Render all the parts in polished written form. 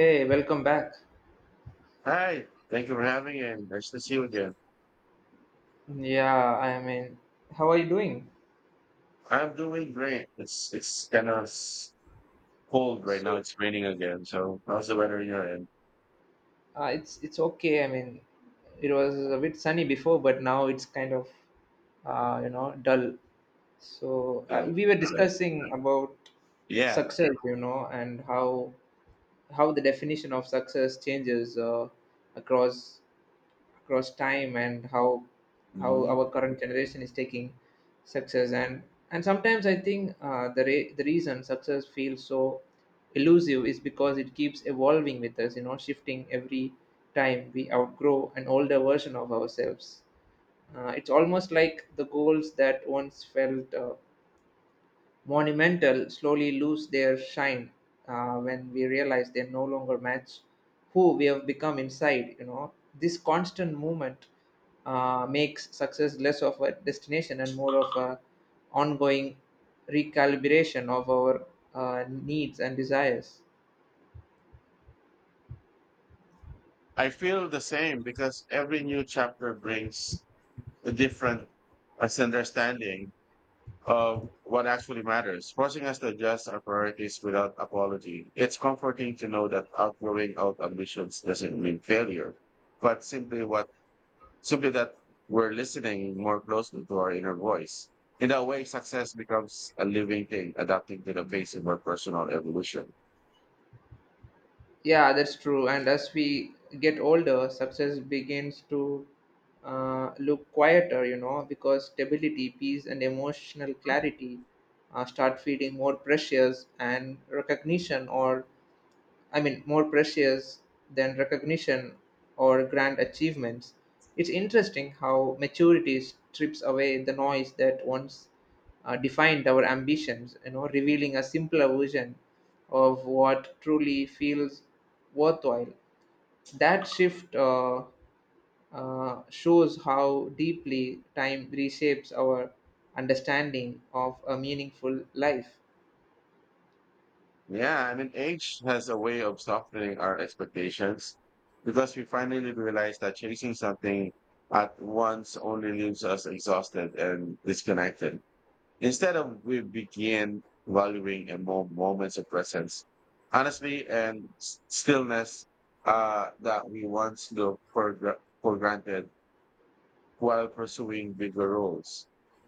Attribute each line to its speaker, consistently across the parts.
Speaker 1: Hey, welcome back.
Speaker 2: Hi, thank you for having me and nice to see you again.
Speaker 1: Yeah, I mean, how are you doing?
Speaker 2: I'm doing great. It's kind of cold right now.
Speaker 1: So,
Speaker 2: It's raining again. So how's the weather in your end?
Speaker 1: uh, it's okay. I mean, it was a bit sunny before, but now it's kind of dull. So
Speaker 2: Uh,
Speaker 1: we were
Speaker 2: uh,
Speaker 1: discussing about
Speaker 2: yeah.
Speaker 1: success, you know, and how the definition of success changes across across time and how
Speaker 2: Mhm.
Speaker 1: our current generation is taking success and sometimes I think the reason success feels so elusive is because it keeps evolving with us, you know, shifting every time we outgrow an older version of ourselves. It's almost like the goals that once felt monumental slowly lose their shine when we realize they no longer match who we have become inside. You know, this constant movement makes success less of a destination and more of a ongoing recalibration of our needs and desires.
Speaker 2: I feel the same because every new chapter brings a different misunderstanding of what actually matters, forcing us to adjust our priorities without apology. It's comforting to know that outgrowing out ambitions doesn't mean failure, but simply that we're listening more closely to our inner voice. In that way, success becomes a living thing, adapting to the pace of our personal evolution.
Speaker 1: Yeah, that's true. And as we get older, success begins to look quieter, you know, because stability, peace, and emotional clarity start feeling more precious, and recognition or I mean, more precious than recognition or grand achievements. It's interesting how maturity strips away the noise that once defined our ambitions, you know, revealing a simpler version of what truly feels worthwhile. That shift Shows how deeply time reshapes our understanding of a meaningful life.
Speaker 2: Yeah, and an age has a way of softening our expectations because we finally realize that chasing something at once only leaves us exhausted and disconnected. Instead of we begin valuing a more moments of presence, honestly, and stillness that we once took for, for granted while pursuing bigger roles.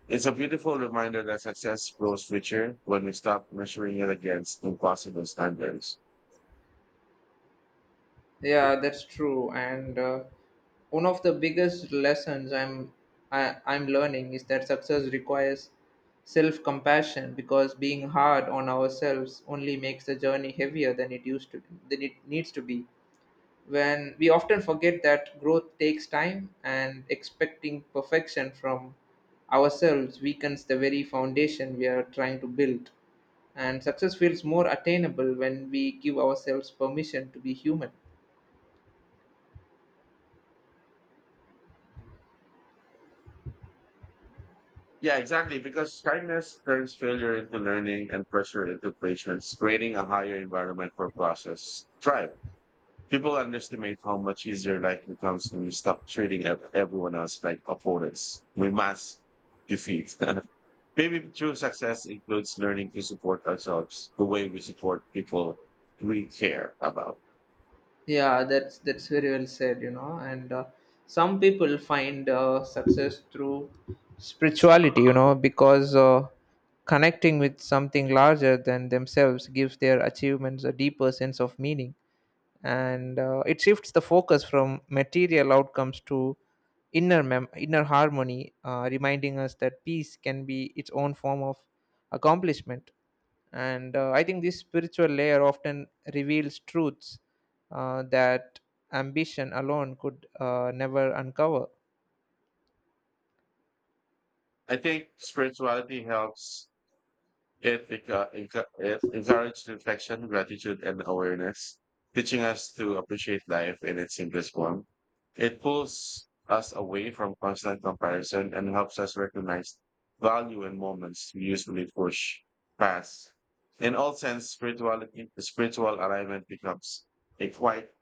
Speaker 2: It's a beautiful reminder that success grows richer when we stop measuring it against impossible standards.
Speaker 1: Yeah, that's true. And one of the biggest lessons I'm learning is that success requires self-compassion because being hard on ourselves only makes the journey heavier than it used to than it needs to be. When we often forget that growth takes time and expecting perfection from ourselves weakens the very foundation we are trying to build. And success feels more attainable when we give ourselves permission to be human.
Speaker 2: Yeah, exactly. Because kindness turns failure into learning and pressure into patience, creating a higher environment for process. Thrive. People underestimate how much easier life becomes when we stop treating everyone else like opponents. We must defeat. Maybe true success includes learning to support ourselves the way we support people we care about.
Speaker 1: Yeah, that's very well said, you know. And some people find success through spirituality, you know, because connecting with something larger than themselves gives their achievements a deeper sense of meaning, and it shifts the focus from material outcomes to inner harmony, reminding us that peace can be its own form of accomplishment. And I think this spiritual layer often reveals truths that ambition alone could never uncover.
Speaker 2: I think spirituality helps. It encouraged reflection, gratitude, and awareness, teaching us to appreciate life in its simplest form. It pulls us away from constant comparison and helps us recognize value in moments we usually push past. In all sense, spiritual alignment becomes a quite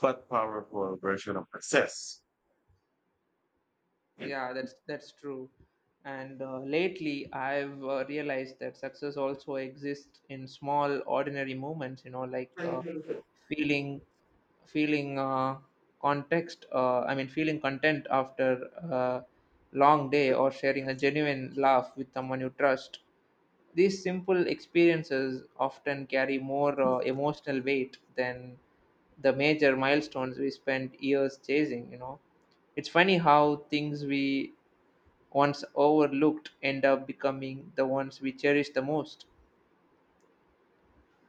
Speaker 2: but powerful version of success.
Speaker 1: Yeah, that's true. And lately, I've realized that success also exists in small, ordinary moments. You know, like feeling, feeling context. I mean, feeling content after a long day, or sharing a genuine laugh with someone you trust. These simple experiences often carry more emotional weight than the major milestones we spend years chasing. You know, it's funny how things we once overlooked end up becoming the ones we cherish the most.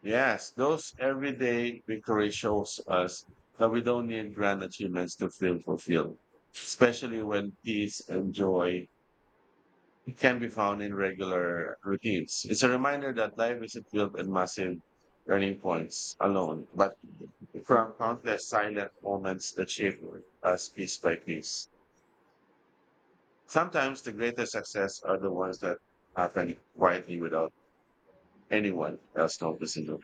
Speaker 2: Yes, those everyday victory shows us that we don't need grand achievements to feel fulfilled, especially when peace and joy can be found in regular routines. It's a reminder that life isn't built in massive turning points alone, but from countless silent moments that shape us piece by piece. Sometimes the greatest success are the ones that happen quietly without anyone else noticing.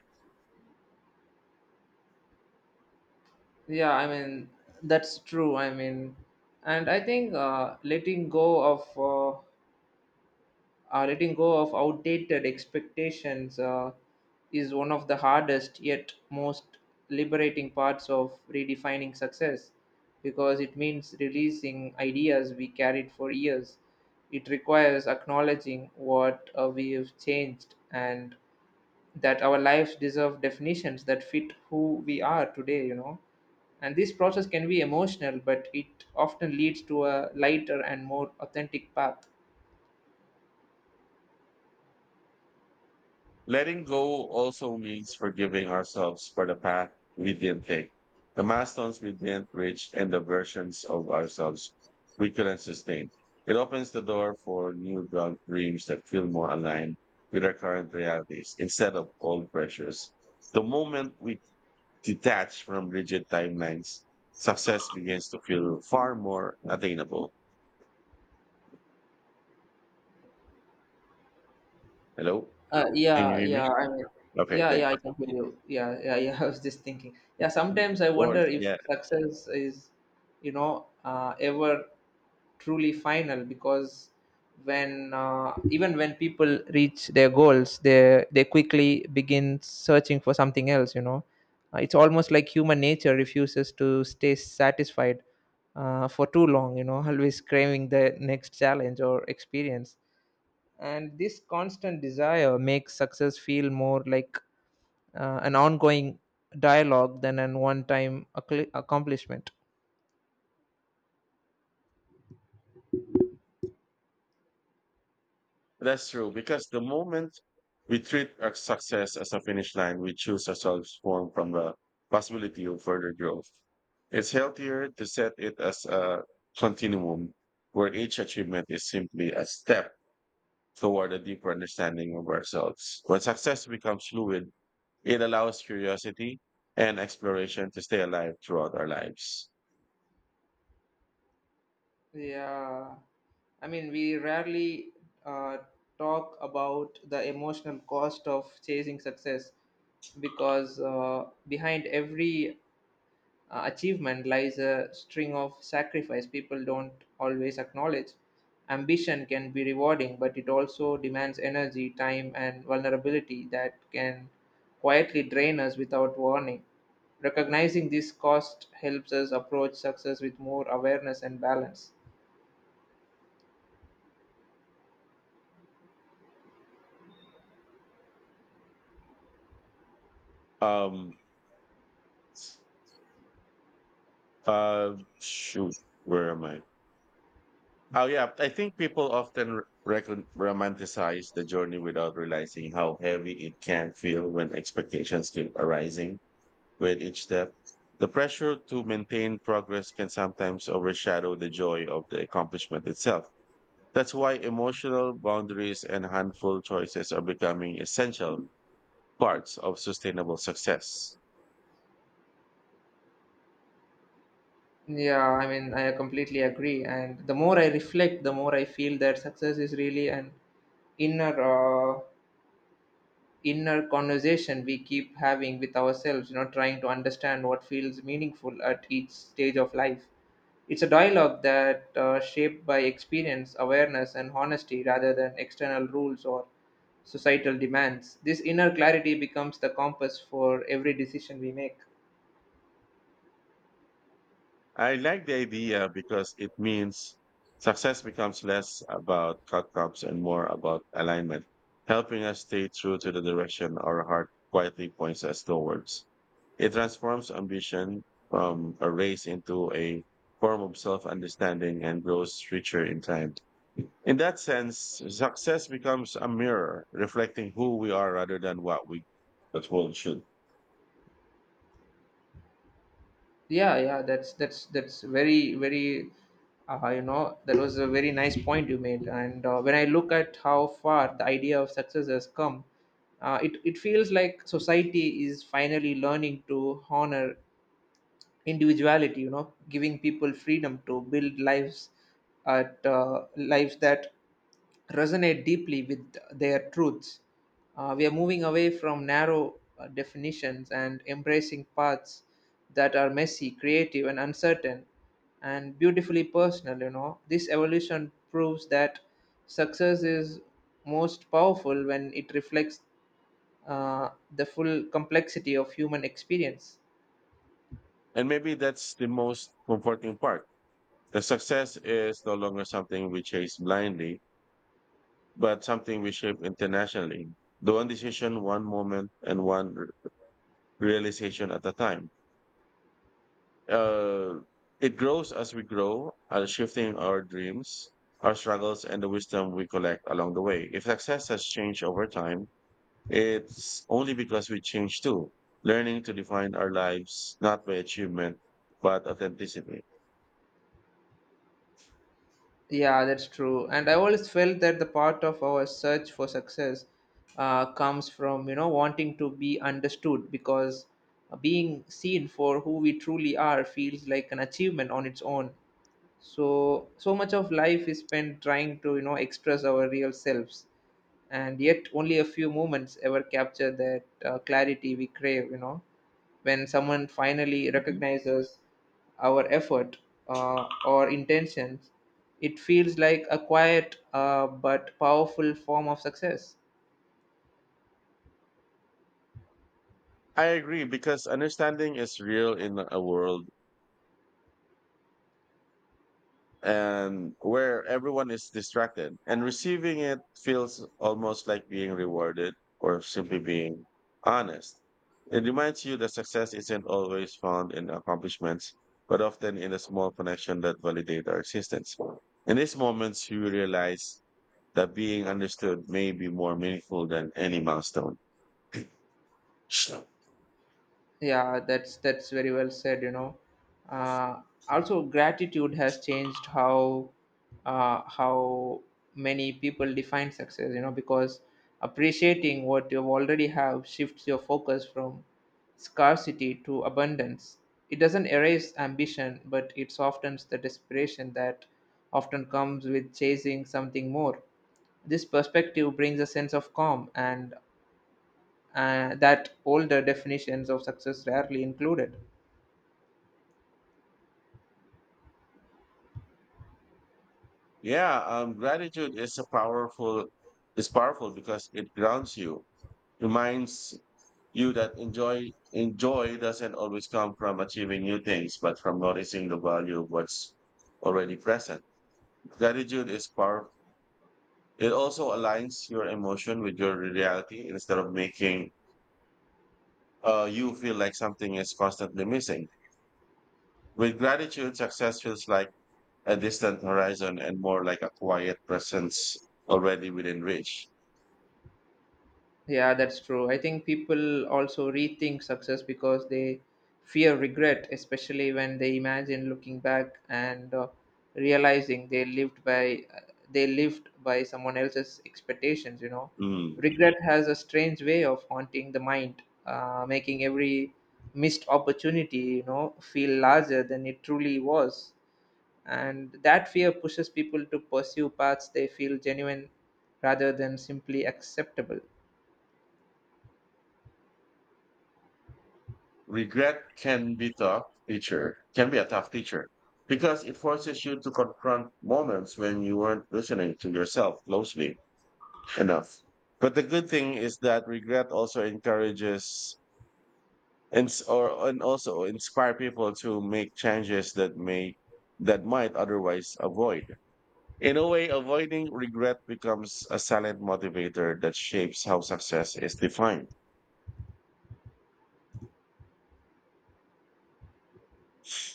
Speaker 1: Yeah, I mean, that's true. I mean, and I think letting go of outdated expectations is one of the hardest yet most liberating parts of redefining success because it means releasing ideas we carried for years. It requires acknowledging what we have changed and that our lives deserve definitions that fit who we are today, you know. And this process can be emotional, but it often leads to a lighter and more authentic path.
Speaker 2: Letting go also means forgiving ourselves for the path we didn't take, the milestones we didn't reach, and the versions of ourselves we couldn't sustain. It opens the door for new dreams that feel more aligned with our current realities instead of old pressures. The moment we detach from rigid timelines, success begins to feel far more attainable. Hello? Can you
Speaker 1: Yeah,
Speaker 2: hear me?
Speaker 1: yeah, I mean,
Speaker 2: Okay,
Speaker 1: yeah, yeah, I
Speaker 2: thanks.
Speaker 1: can hear you. Yeah, yeah, yeah. I was just thinking. Yeah, sometimes I
Speaker 2: Of
Speaker 1: wonder
Speaker 2: course,
Speaker 1: if
Speaker 2: yeah.
Speaker 1: success is, you know, ever truly final because when even when people reach their goals, they quickly begin searching for something else. You know, it's almost like human nature refuses to stay satisfied for too long. You know, always craving the next challenge or experience, and this constant desire makes success feel more like an ongoing dialogue than an one time accomplishment.
Speaker 2: That's true, because the moment we treat our success as a finish line, we choose ourselves form from the possibility of further growth. It's healthier to set it as a continuum where each achievement is simply a step toward a deeper understanding of ourselves. When success becomes fluid, it allows curiosity and exploration to stay alive throughout our lives.
Speaker 1: Yeah, I mean, we rarely uh, talk about the emotional cost of chasing success because behind every achievement lies a string of sacrifice people don't always acknowledge. Ambition can be rewarding, but it also demands energy, time, and vulnerability that can quietly drain us without warning. Recognizing this cost helps us approach success with more awareness and balance.
Speaker 2: Um, Shoot, where am I? Oh yeah, I think people often romanticize the journey without realizing how heavy it can feel when expectations keep arising with each step. The pressure to maintain progress can sometimes overshadow the joy of the accomplishment itself. That's why emotional boundaries and handful choices are becoming essential parts of sustainable success.
Speaker 1: Yeah, I mean, I completely agree. And the more I reflect, the more I feel that success is really an inner uh, inner conversation we keep having with ourselves, you know, trying to understand what feels meaningful at each stage of life. It's a dialogue that shaped by experience, awareness, and honesty rather than external rules or societal demands. This inner clarity becomes the compass for every decision we make.
Speaker 2: I like the idea because it means success becomes less about cutbacks and more about alignment, helping us stay true to the direction our heart quietly points us towards. It transforms ambition from a race into a form of self understanding and grows richer in time. In that sense, success becomes a mirror reflecting who we are rather than what we the world should.
Speaker 1: Yeah, yeah, that's very very, you know, that was a very nice point you made. And when I look at how far the idea of success has come, it feels like society is finally learning to honor individuality. You know, giving people freedom to build lives that resonate deeply with their truths. We are moving away from narrow definitions and embracing paths that are messy, creative, and uncertain, and beautifully personal. You know, this evolution proves that success is most powerful when it reflects uh, the full complexity of human experience.
Speaker 2: And maybe that's the most comforting part. The success is no longer something we chase blindly, but something we shape internationally. The one decision, one moment, and one realization at a time. Uh, it grows as we grow, shifting our dreams, our struggles, and the wisdom we collect along the way. If success has changed over time, it's only because we change too, learning to define our lives not by achievement, but authenticity.
Speaker 1: Yeah, that's true. And I always felt that the part of our search for success comes from, you know, wanting to be understood because being seen for who we truly are feels like an achievement on its own. So so much of life is spent trying to, you know, express our real selves, and yet only a few moments ever capture that clarity we crave, you know, when someone finally
Speaker 2: Mhm.
Speaker 1: recognizes our effort or intentions. It feels like a quiet but powerful form of success.
Speaker 2: I agree because understanding is real in a world and where everyone is distracted and receiving it feels almost like being rewarded or simply being honest. It reminds you that success isn't always found in accomplishments, but often in a small connection that validate our existence. In these moments, you realize that being understood may be more meaningful than any milestone.
Speaker 1: Yeah, that's very well said. You know, uh, also gratitude has changed how many people define success. You know, because appreciating what you already have shifts your focus from scarcity to abundance. It doesn't erase ambition, but it softens the desperation that often comes with chasing something more. This perspective brings a sense of calm and that older definitions of success rarely included.
Speaker 2: Yeah, gratitude is a powerful is powerful because it grounds you, reminds you that enjoy doesn't always come from achieving new things, but from noticing the value of what's already present. Gratitude is powerful. It also aligns your emotion with your reality instead of making you feel like something is constantly missing. With gratitude, success feels like a distant horizon and more like a quiet presence already within reach.
Speaker 1: Yeah, that's true. I think people also rethink success because they fear regret, especially when they imagine looking back and realizing they lived by someone else's expectations. You know,
Speaker 2: Mm.
Speaker 1: regret has a strange way of haunting the mind, making every missed opportunity, you know, feel larger than it truly was. And that fear pushes people to pursue paths they feel genuine rather than simply acceptable.
Speaker 2: Regret can be a tough teacher because it forces you to confront moments when you weren't listening to yourself closely enough, but the good thing is that regret also encourages and or and also inspire people to make changes that might otherwise avoid. In a way, avoiding regret becomes a silent motivator that shapes how success is defined.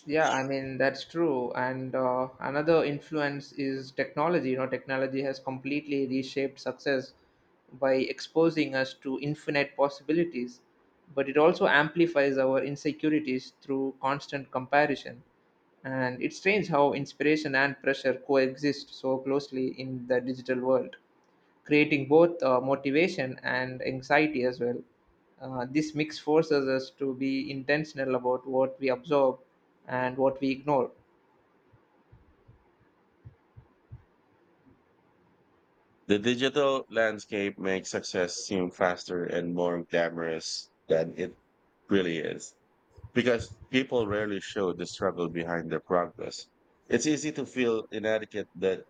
Speaker 1: Yeah, I mean, that's true. And another influence is technology. You know, technology has completely reshaped success by exposing us to infinite possibilities, but it also amplifies our insecurities through constant comparison. And it's strange how inspiration and pressure coexist so closely in the digital world, creating both motivation and anxiety as well. This mix forces us to be intentional about what we absorb and what we ignore.
Speaker 2: The digital landscape makes success seem faster and more glamorous than it really is because people rarely show the struggle behind their progress. It's easy to feel inadequate that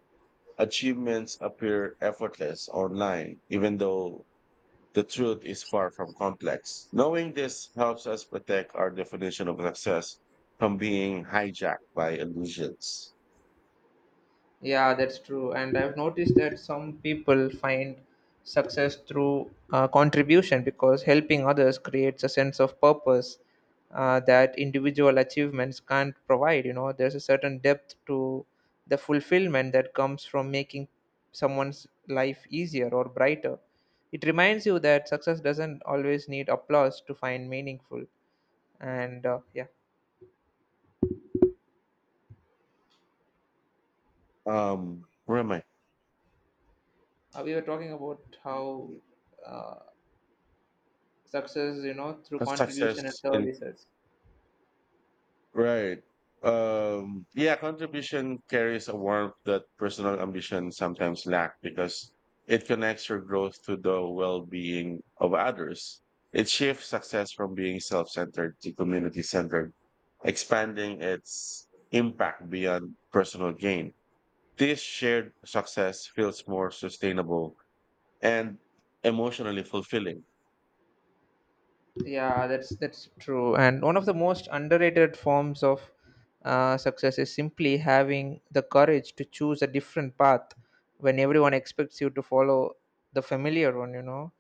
Speaker 2: achievements appear effortless online, even though the truth is far from complex. Knowing this helps us protect our definition of success from being hijacked by illusions.
Speaker 1: Yeah, that's true. And I've noticed that some people find success through contribution because helping others creates a sense of purpose that individual achievements can't provide. You know, there's a certain depth to the fulfillment that comes from making someone's life easier or brighter. It reminds you that success doesn't always need applause to find meaningful. And yeah,
Speaker 2: Where am I?
Speaker 1: we were talking about how uh, success, you know, through
Speaker 2: Cause success
Speaker 1: contribution and
Speaker 2: in.
Speaker 1: services.
Speaker 2: Right. Yeah, contribution carries a warmth that personal ambition sometimes lack because it connects your growth to the well-being of others. It shifts success from being self-centered to community-centered, expanding its impact beyond personal gain. This shared success feels more sustainable and emotionally fulfilling.
Speaker 1: Yeah, that's true, and one of the most underrated forms of success is simply having the courage to choose a different path when everyone expects you to follow the familiar one, you know.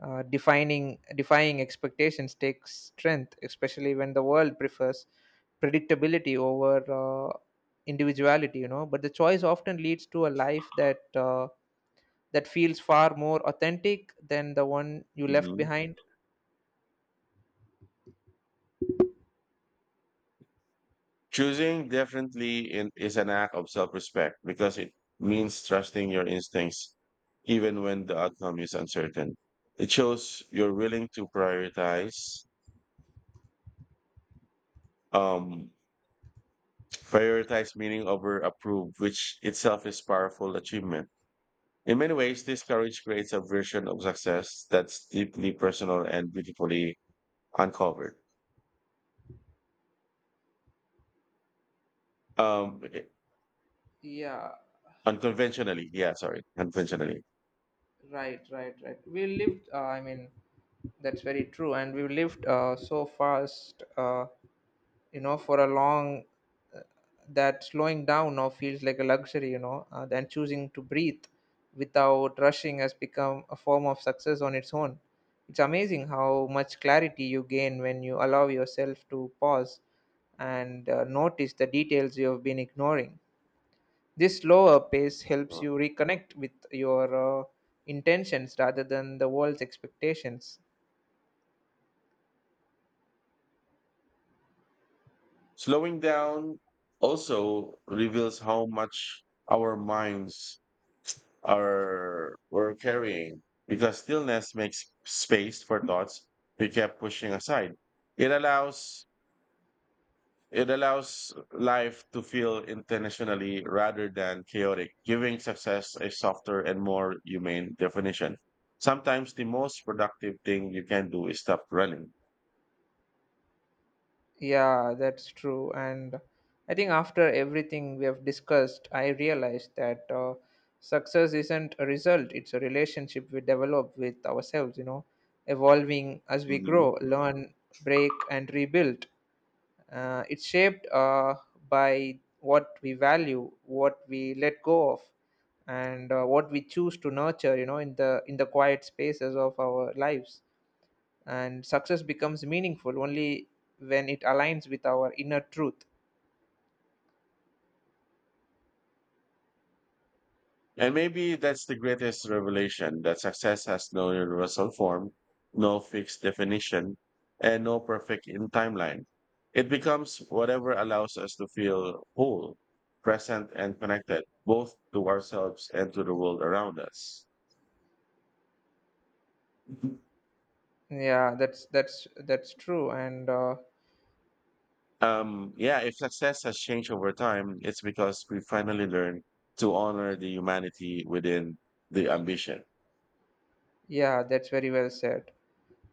Speaker 1: Defining Defying expectations takes strength, especially when the world prefers predictability over uh, individuality, you know, but the choice often leads to a life that feels far more authentic than the one you left
Speaker 2: Mhm.
Speaker 1: behind.
Speaker 2: Choosing differently is an act of self respect because it means trusting your instincts even when the outcome is uncertain. It shows you're willing to um, prioritize meaning over approve, which itself is powerful achievement. In many ways, this courage creates a version of success that's deeply personal and beautifully uncovered. Um,
Speaker 1: Yeah,
Speaker 2: Unconventionally, yeah, sorry, unconventionally.
Speaker 1: right, right, right. I mean, that's very true. And we lived so fast, you know, for a long uh, that slowing down now feels like a luxury, you know, and choosing to breathe without rushing has become a form of success on its own. It's amazing how much clarity you gain when you allow yourself to pause and notice the details you have been ignoring. This slower pace helps you reconnect with your intentions rather than the world's expectations.
Speaker 2: Slowing down also reveals how much our minds are were carrying because stillness makes space for thoughts we kept pushing aside. It allows it allows life to feel intentionally rather than chaotic, giving success a softer and more humane definition. Sometimes the most productive thing you can do is stop running.
Speaker 1: Yeah, that's true. And I think after everything we have discussed, I realized that success isn't a result, it's a relationship we develop with ourselves, you know, evolving as we grow,
Speaker 2: Mhm.
Speaker 1: learn, break, and rebuild. It's shaped by what we value, what we let go of, and what we choose to nurture. You know, in the quiet spaces of our lives. And success becomes meaningful only when it aligns with our inner truth.
Speaker 2: And maybe that's the greatest revelation that success has no universal form, no fixed definition, and no perfect in timeline. It becomes whatever allows us to feel whole, present, and connected, both to ourselves and to the world around us.
Speaker 1: Yeah, that's true, and
Speaker 2: Yeah, if success has changed over time, it's because we finally learned to honor the humanity within the ambition.
Speaker 1: yeah, that's very well said.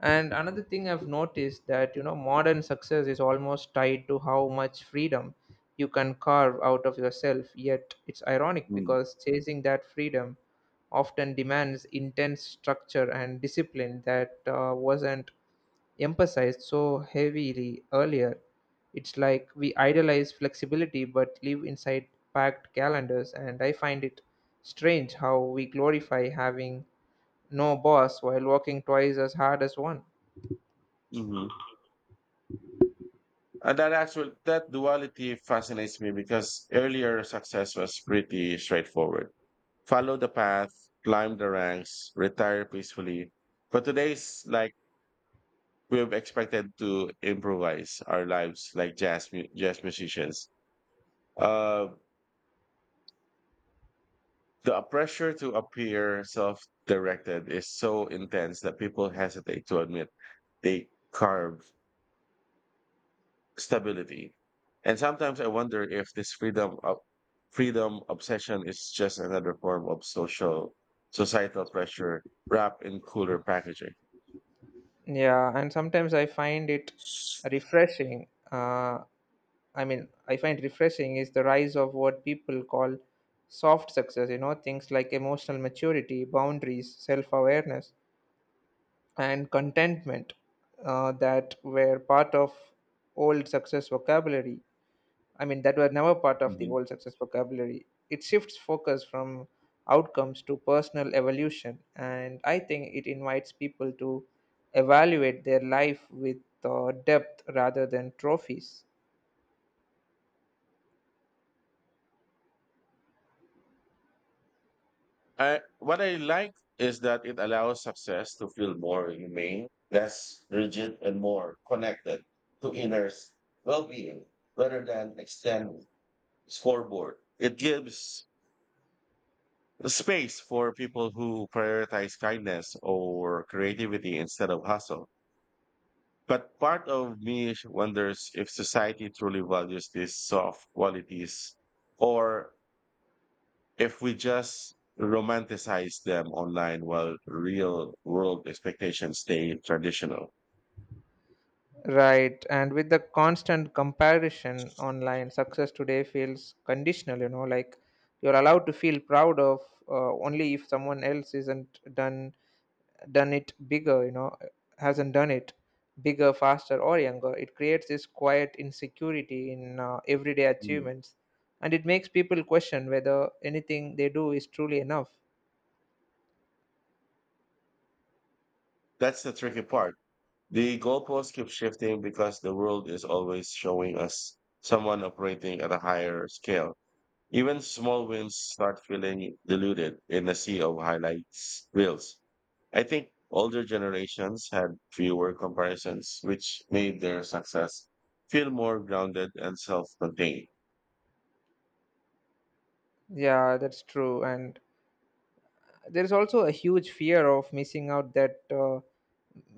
Speaker 1: And another thing I've noticed that you know modern success is almost tied to how much freedom you can carve out of yourself. Yet it's ironic
Speaker 2: Mm.
Speaker 1: because chasing that freedom often demands intense structure and discipline that wasn't emphasized so heavily earlier. It's like we idolize flexibility but live inside packed calendars, and I find it strange how we glorify having no boss while working twice as hard as one.
Speaker 2: Mhm. And that duality fascinates me because earlier success was pretty straightforward. Follow the path, climb the ranks, retire peacefully. But today's like we've expected to improvise our lives like jazz musicians. Uh, the pressure to appear self-directed is so intense that people hesitate to admit they carve stability. And sometimes I wonder if this freedom obsession is just another form of social societal pressure wrapped in cooler packaging.
Speaker 1: Yeah, and sometimes I find it refreshing. I find refreshing is the rise of what people call soft success, you know, things like emotional maturity, boundaries, self awareness, and contentment that were part of old success vocabulary. I mean, that were never part of the
Speaker 2: Mhm.
Speaker 1: old success vocabulary. It shifts focus from outcomes to personal evolution, and I think it invites people to evaluate their life with depth rather than trophies.
Speaker 2: What I like is that it allows success to feel more humane, less rigid, and more connected to inner well-being rather than external scoreboard. It gives space for people who prioritize kindness or creativity instead of hustle. But part of me wonders if society truly values these soft qualities or if we just romanticize them online while real world expectations stay traditional.
Speaker 1: Right, and with the constant comparison online, success today feels conditional, you know, like you're allowed to feel proud of only if someone else isn't done done it bigger, you know, hasn't done it bigger, faster, or younger. It creates this quiet insecurity in everyday
Speaker 2: Mm.
Speaker 1: achievements, and it makes people question whether anything they do is truly enough.
Speaker 2: That's the tricky part. The goalposts keep shifting because the world is always showing us someone operating at a higher scale. Even small wins start feeling diluted in a sea of highlights reels. I think older generations had fewer comparisons, which made their success feel more grounded and self contained.
Speaker 1: Yeah, that's true, and there's also a huge fear of missing out that. Uh,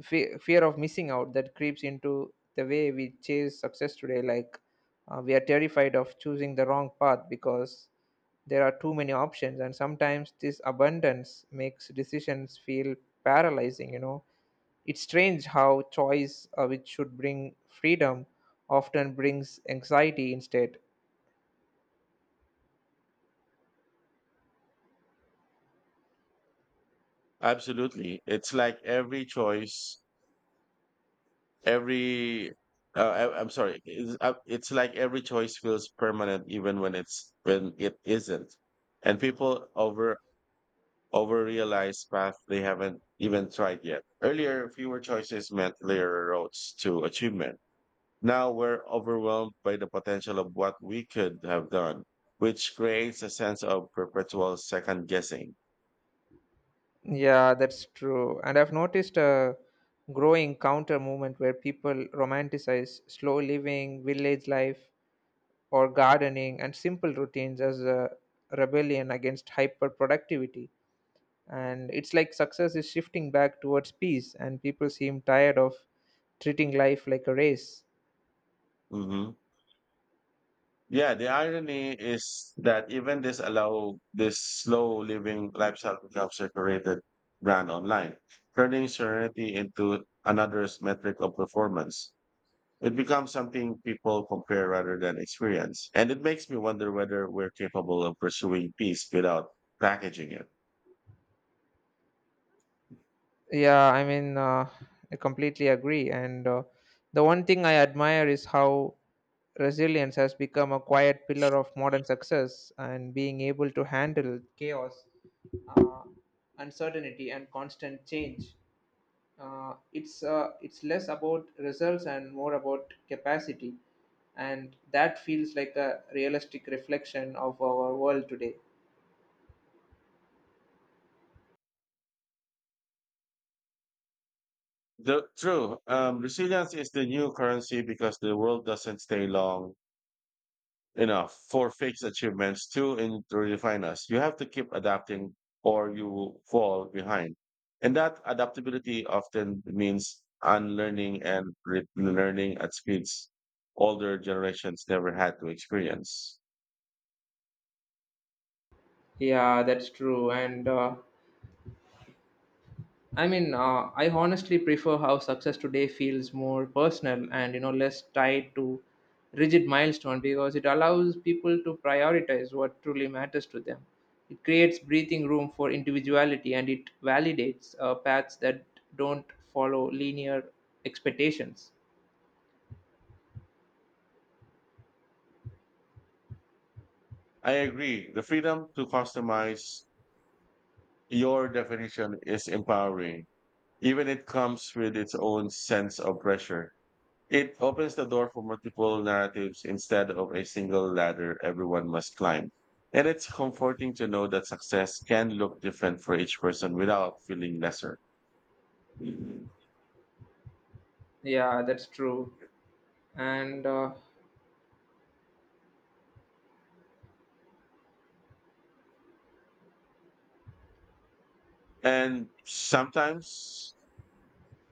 Speaker 1: fe- Fear of missing out that creeps into the way we chase success today like we are terrified of choosing the wrong path because there are too many options, and sometimes this abundance makes decisions feel paralyzing, you know. It's strange how choice, which should bring freedom, often brings anxiety instead.
Speaker 2: Absolutely. It's like every choice, every, I, I'm sorry, it's like every choice feels permanent even when when it isn't. And people over realized path they haven't even tried yet. Earlier, fewer choices meant clearer roads to achievement. Now we're overwhelmed by the potential of what we could have done, which creates a sense of perpetual second guessing.
Speaker 1: Yeah, that's true, and I've noticed a growing counter movement where people romanticize slow living, village life, or gardening and simple routines as a rebellion against hyperproductivity. And it's like success is shifting back towards peace, and people seem tired of treating life like a race.
Speaker 2: Hmm. Yeah, the irony is that even this slow living lifestyle becomes a curated brand online, turning serenity into another's metric of performance. It becomes something people compare rather than experience. And it makes me wonder whether we're capable of pursuing peace without packaging it.
Speaker 1: Yeah, I mean, uh, I completely agree. And The one thing I admire is how resilience has become a quiet pillar of modern success and being able to handle chaos, uh, uncertainty, and constant change. It's less about results and more about capacity, and that feels like a realistic reflection of our world today.
Speaker 2: Resilience is the new currency because the world doesn't stay long enough for fixed achievements to redefine us. You have to keep adapting or you fall behind. And that adaptability often means unlearning and relearning at speeds older generations never had to experience.
Speaker 1: Yeah, that's true, and I honestly prefer how success today feels more personal and you know less tied to rigid milestone because it allows people to prioritize what truly matters to them. It creates breathing room for individuality, and it validates paths that don't follow linear expectations.
Speaker 2: I agree. The freedom to customize your definition is empowering, even it comes with its own sense of pressure. It opens the door for multiple narratives instead of a single ladder everyone must climb. And it's comforting to know that success can look different for each person without feeling lesser.
Speaker 1: Yeah, that's true. And
Speaker 2: And sometimes,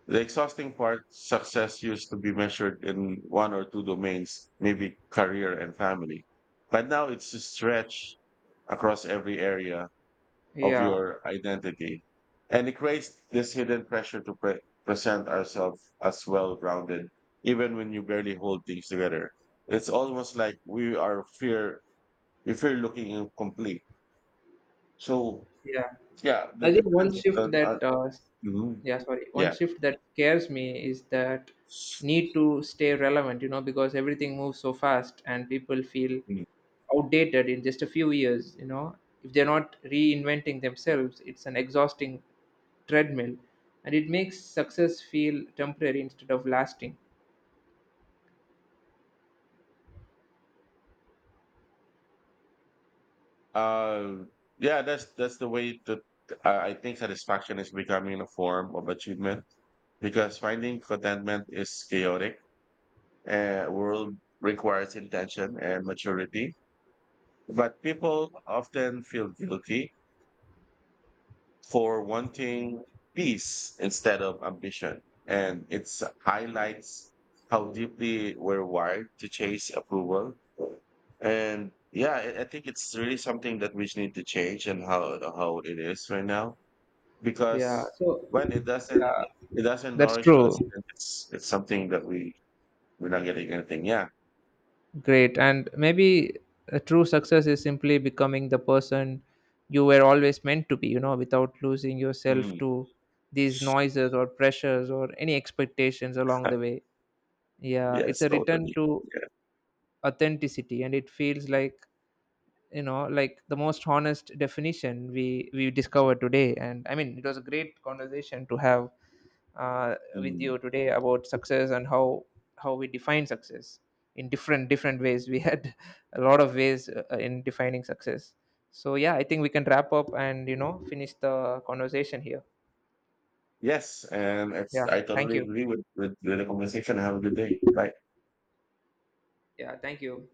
Speaker 2: the exhausting part, success used to be measured in one or two domains, maybe career and family. But now it's a stretch across every area of
Speaker 1: yeah,
Speaker 2: your identity. And it creates this hidden pressure to present ourselves as well rounded even when you barely hold things together. It's almost like we fear looking incomplete. So,
Speaker 1: yeah.
Speaker 2: yeah, the
Speaker 1: I think
Speaker 2: difference. Mhm.
Speaker 1: one
Speaker 2: Yeah.
Speaker 1: shift that scares me is that need to stay relevant, you know, because everything moves so fast and people feel
Speaker 2: Mm-hmm.
Speaker 1: outdated in just a few years, you know. If they're not reinventing themselves, it's an exhausting treadmill, and it makes success feel temporary instead of lasting.
Speaker 2: Uh, yeah, that's the way that I think satisfaction is becoming a form of achievement because finding contentment is chaotic. World requires intention and maturity. But people often feel guilty for wanting peace instead of ambition, and it highlights how deeply we're wired to chase approval and yeah, I think it's really something that we need to change and how it is right now.
Speaker 1: Yeah,
Speaker 2: Because
Speaker 1: so,
Speaker 2: when it doesn't
Speaker 1: yeah,
Speaker 2: it doesn't
Speaker 1: that's
Speaker 2: nourish us,
Speaker 1: true.
Speaker 2: then it's something that we're not getting anything. Yeah.
Speaker 1: Great. And maybe a true success is simply becoming the person you were always meant to be, you know, without losing yourself
Speaker 2: Mm.
Speaker 1: to these noises or pressures or any expectations along
Speaker 2: Uh,
Speaker 1: the way. Yeah, it's
Speaker 2: Yes,
Speaker 1: a return
Speaker 2: totally.
Speaker 1: to
Speaker 2: Yeah.
Speaker 1: authenticity, and it feels like, you know, like the most honest definition we discovered today. And I mean, it was a great conversation to have with
Speaker 2: Mm.
Speaker 1: you today about success and how we define success in different different ways. We had a lot of ways in defining success. So yeah, I think we can wrap up and you know finish the conversation here.
Speaker 2: Yes, and
Speaker 1: Yeah,
Speaker 2: I
Speaker 1: thank
Speaker 2: totally
Speaker 1: you.
Speaker 2: agree with the conversation. Have a good day. Bye.
Speaker 1: Yeah, thank you.